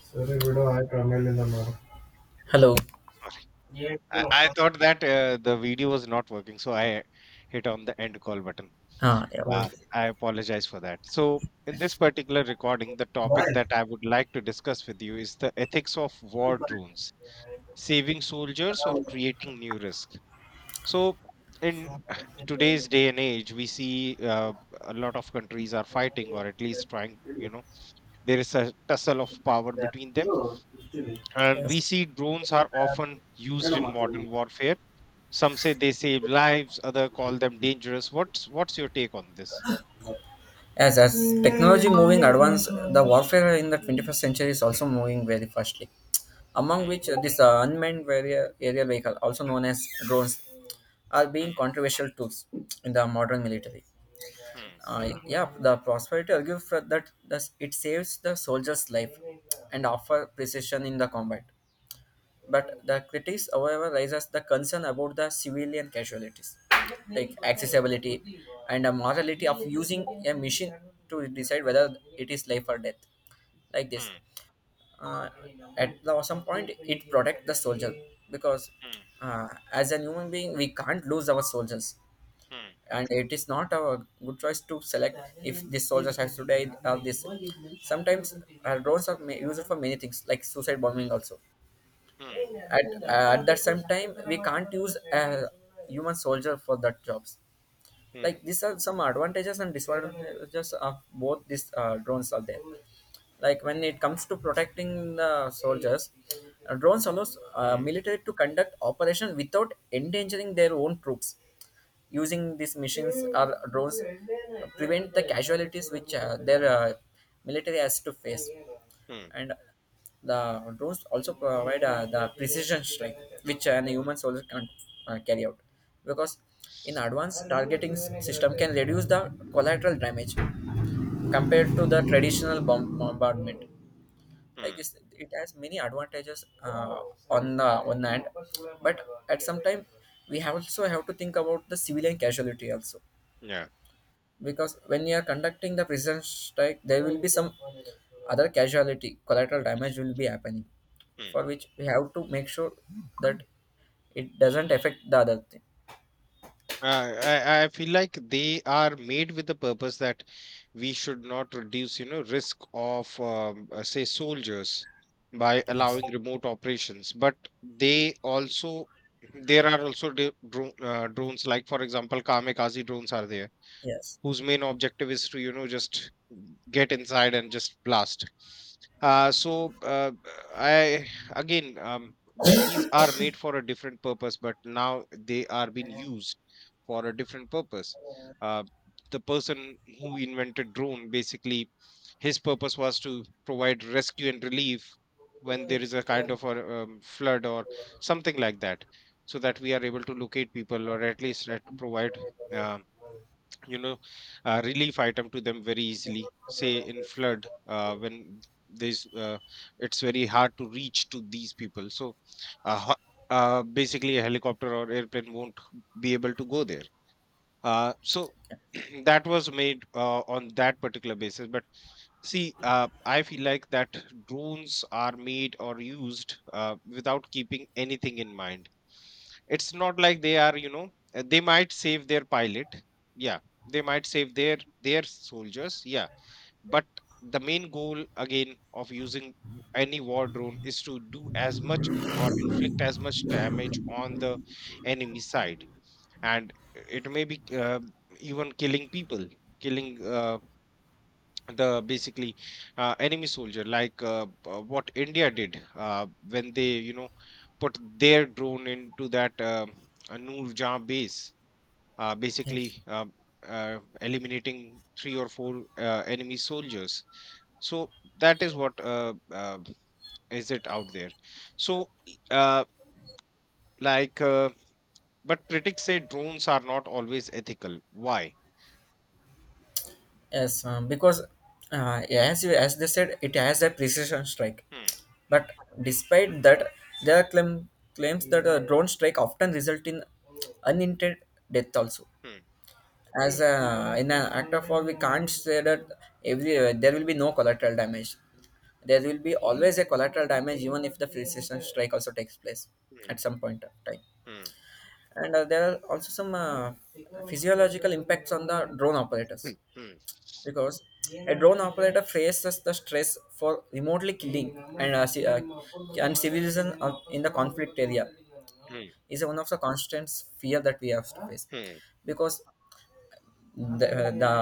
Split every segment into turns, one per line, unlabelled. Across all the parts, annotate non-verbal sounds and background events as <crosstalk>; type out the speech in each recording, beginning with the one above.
Sorry, bro. I come in the morning. Hello.
Sorry. I thought that the video was not working, so I hit on the end call button.
Ah, yeah, bye. Okay.
I apologize for that. So, in this particular recording, the topic
Bye.
that I would like to discuss with you is the ethics of war drones, saving soldiers or creating new risk. So, in today's day and age, we see a lot of countries are fighting, or at least trying, you know, there is a tussle of power between them. And we
Yes.
see drones are often used in modern warfare. Some say they save lives, others call them dangerous. What's your take on this?
As technology moving advance, the warfare in the 21st century is also moving very fastly. Among
Hmm,
which, this unmanned area, aerial vehicle, also known as drones, are being
hmm,
controversial tools in the modern military.
hmm,
Yeah, the prosperity argues for that thus it saves the soldier's life and offer precision in the combat. But the critics, however, raises the concern about the civilian casualties, like accessibility and the morality of using a machine to decide whether it is life or death. Like this,
hmm,
uh, at some point, it protect the soldier because
hmm,
as a human being, we can't lose our soldiers,
hmm,
and it is not a good choice to select if this soldier has to die or this. Sometimes drones are used for many things, like suicide bombing also
hmm,
at that same time we can't use a human soldier for that jobs.
hmm, hmm,
Like these are some advantages and disadvantages of both these drones are there. Like when it comes to protecting the soldiers, drones allows
hmm,
military to conduct operation without endangering their own troops. Using these machines or drones prevent the casualties which their military has to face.
hmm, hmm,
And the drones also provide the precision strike, which human soldier can't carry out because in advanced system can reduce the collateral damage
hmm,
compared to the traditional bomb bombardment. Like
hmm.
it has many advantages on the one hand, but at some time we have also have to think about the civilian casualty also, because when you are conducting the prison strike there will be some other casualty, collateral damage will be happening,
Yeah.
for which we have to make sure that it doesn't affect the other thing.
I feel like they are made with the purpose that we should not reduce, you know, risk of, say, soldiers by
Yes.
allowing remote operations. But they also, there are also drones, like for example, kamikaze drones are there
Yes.
whose main objective is to just get inside and just blast. So I again These are made for a different purpose but now they are being used for a different purpose. uh, the person who invented drone basically, his purpose was to provide rescue and relief when there is a kind of a flood or something like that, so that we are able to locate people or at least try to provide uh, you know relief item to them very easily, say in flood, when there's it's very hard to reach to these people. So uh, ho- basically a helicopter or airplane won't be able to go there. So <clears throat> that was made on that particular basis. But see, I feel like that drones are made or used without keeping anything in mind. It's not like they are, you know, they might save their pilot. Yeah, they might save their soldiers. Yeah, but the main goal again of using any war drone is to do as much or inflict as much damage on the enemy side. And it may be even killing people, killing the basically enemy soldier, like what india did when they, you know, put their drone into that Noor Jah base,
Yes.
basically eliminating three or four enemy soldiers. So that is what is it out there. So uh, like uh, but critics say drones are not always ethical, why?
Yes, because as you, as they said, it has a precision strike.
Hmm.
But despite that, there are claims that a drone strike often result in unintended death also.
Hmm,
As a, in an act of war, we can't say that every there will be no collateral damage. There will be always a collateral damage, even if the precision strike also takes place
hmm,
at some point of time.
hmm,
And there are also some physiological impacts on the drone
hmm,
operators because a drone operator faces the stress for remotely killing and and civilians in the conflict area
hmm,
is one of the constant fear that we have to face
hmm, hmm,
because the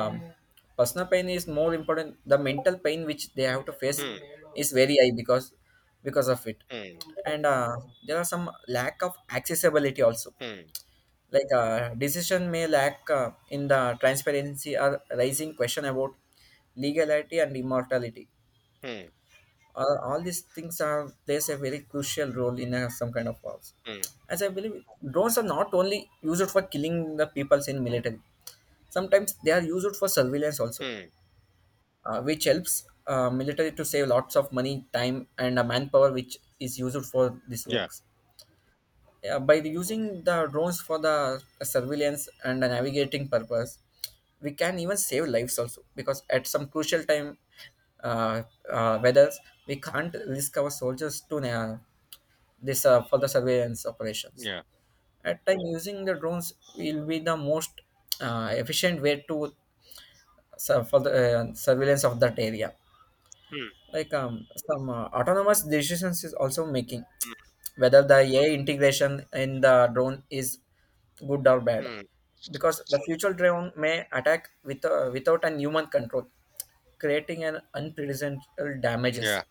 personal pain is more important, the mental pain which they have to face
hmm,
is very high because of it. And there are some lack of accessibility also,
hmm,
like decision may lack in the transparency or raising question about legality and immortality.
hmm,
All these things are plays a very crucial role in some kind of wars.
hmm, hmm,
As I believe, drones are not only used for killing the peoples in military, sometimes they are used for surveillance also,
hmm.
which helps military to save lots of money time and manpower which is used for these
Yeah,
works. Yeah, by using the drones for the surveillance and the navigating purpose, we can even save lives also because at some crucial time, uh, whether we can't risk our soldiers to this for the surveillance operations.
yeah.
At time using the drones will be the most efficient way to sur- for the surveillance of that area.
Hmm,
Like some autonomous decisions is also making whether the AI integration in the drone is good or
hmm,
bad,
hmm.
because the future drone may attack without an human control, creating an unprecedented damages.
Yeah.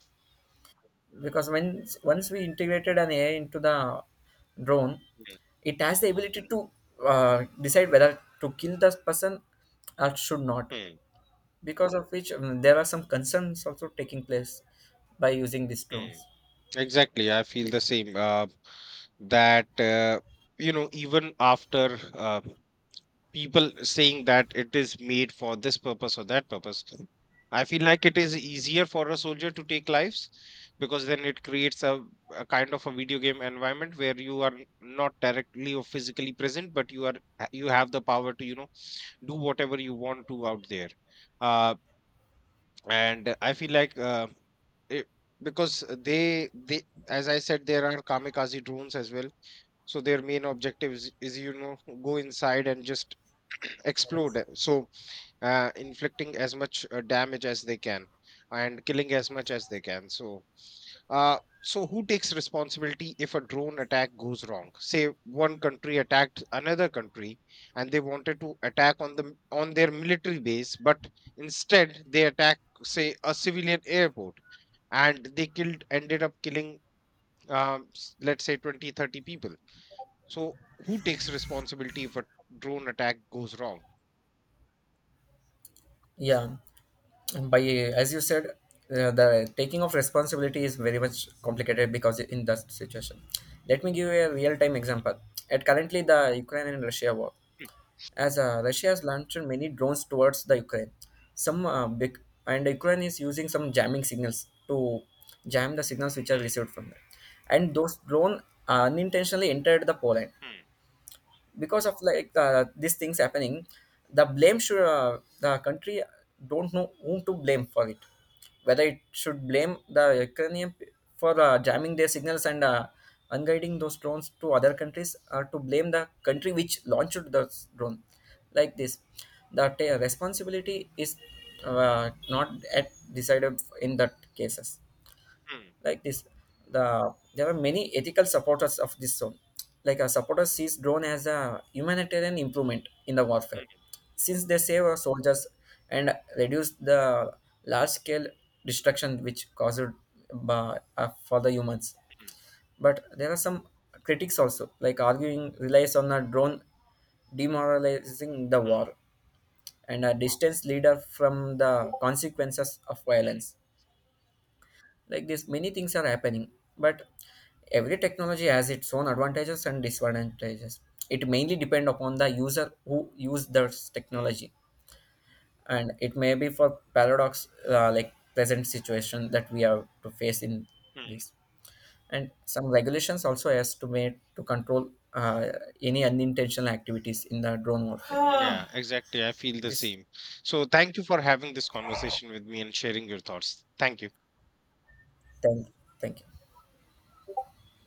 Because when once we integrated an AI into the drone,
Hmm,
it has the ability to decide whether to kill the person or should not.
hmm,
Because of which there are some concerns also taking place by using these drones.
hmm. Exactly. I feel the same. That You know, even after people saying that it is made for this purpose or that purpose. I feel like it is easier for a soldier to take lives because then it creates a kind of a video game environment where you are not directly or physically present, but you have the power to do whatever you want to out there. Uh, and I feel like it, because they, as I said, there are kamikaze drones as well, so their main objective is go inside and just <clears throat> explode. Inflicting as much damage as they can and killing as much as they can. So so who takes responsibility if a drone attack goes wrong? Say one country attacked another country and they wanted to attack on their military base but instead they attack, say, a civilian airport and they killed ended up killing, let's say, 20, 30 people. So who takes responsibility if a drone attack goes wrong?
Yeah, by as you said, the taking of responsibility is very much complicated because in that situation. Let me give you a real time example. At currently the Ukraine and Russia war, as Russia has launched many drones towards the Ukraine, some big, and Ukraine is using some jamming signals to jam the signals which are
Hmm,
received from them, and those drone unintentionally entered the Poland.
hmm,
Because of like these things happening, the blame should the country don't know whom to blame for it, whether it should blame the for jamming their signals and unguiding those drones to other countries, or to blame the country which launched the drone. Like this, the ta responsibility is not at decided in that cases.
hmm,
Like this, there are many ethical supporters of this zone, like a supporter sees drone as a humanitarian improvement in the
hmm,
warfare
hmm,
since they save our soldiers and reduce the large scale destruction which caused for the humans.
hmm,
But there are some critics also, like arguing relies on a drone demoralizing the
hmm,
war and a distance leader from the consequences of
hmm,
violence. Like this many things are happening, but every technology has its own advantages and disadvantages. It mainly depend upon the user who use this
hmm,
technology, and it may be for paradox like present situation that we have to face in
hmm.
this. And some regulations also has to made to control any unintentional activities in the drone warfare.
Yeah, exactly. I feel the
This.
same. So thank you for having this conversation with me and sharing your thoughts. Thank you.
Thank thank you.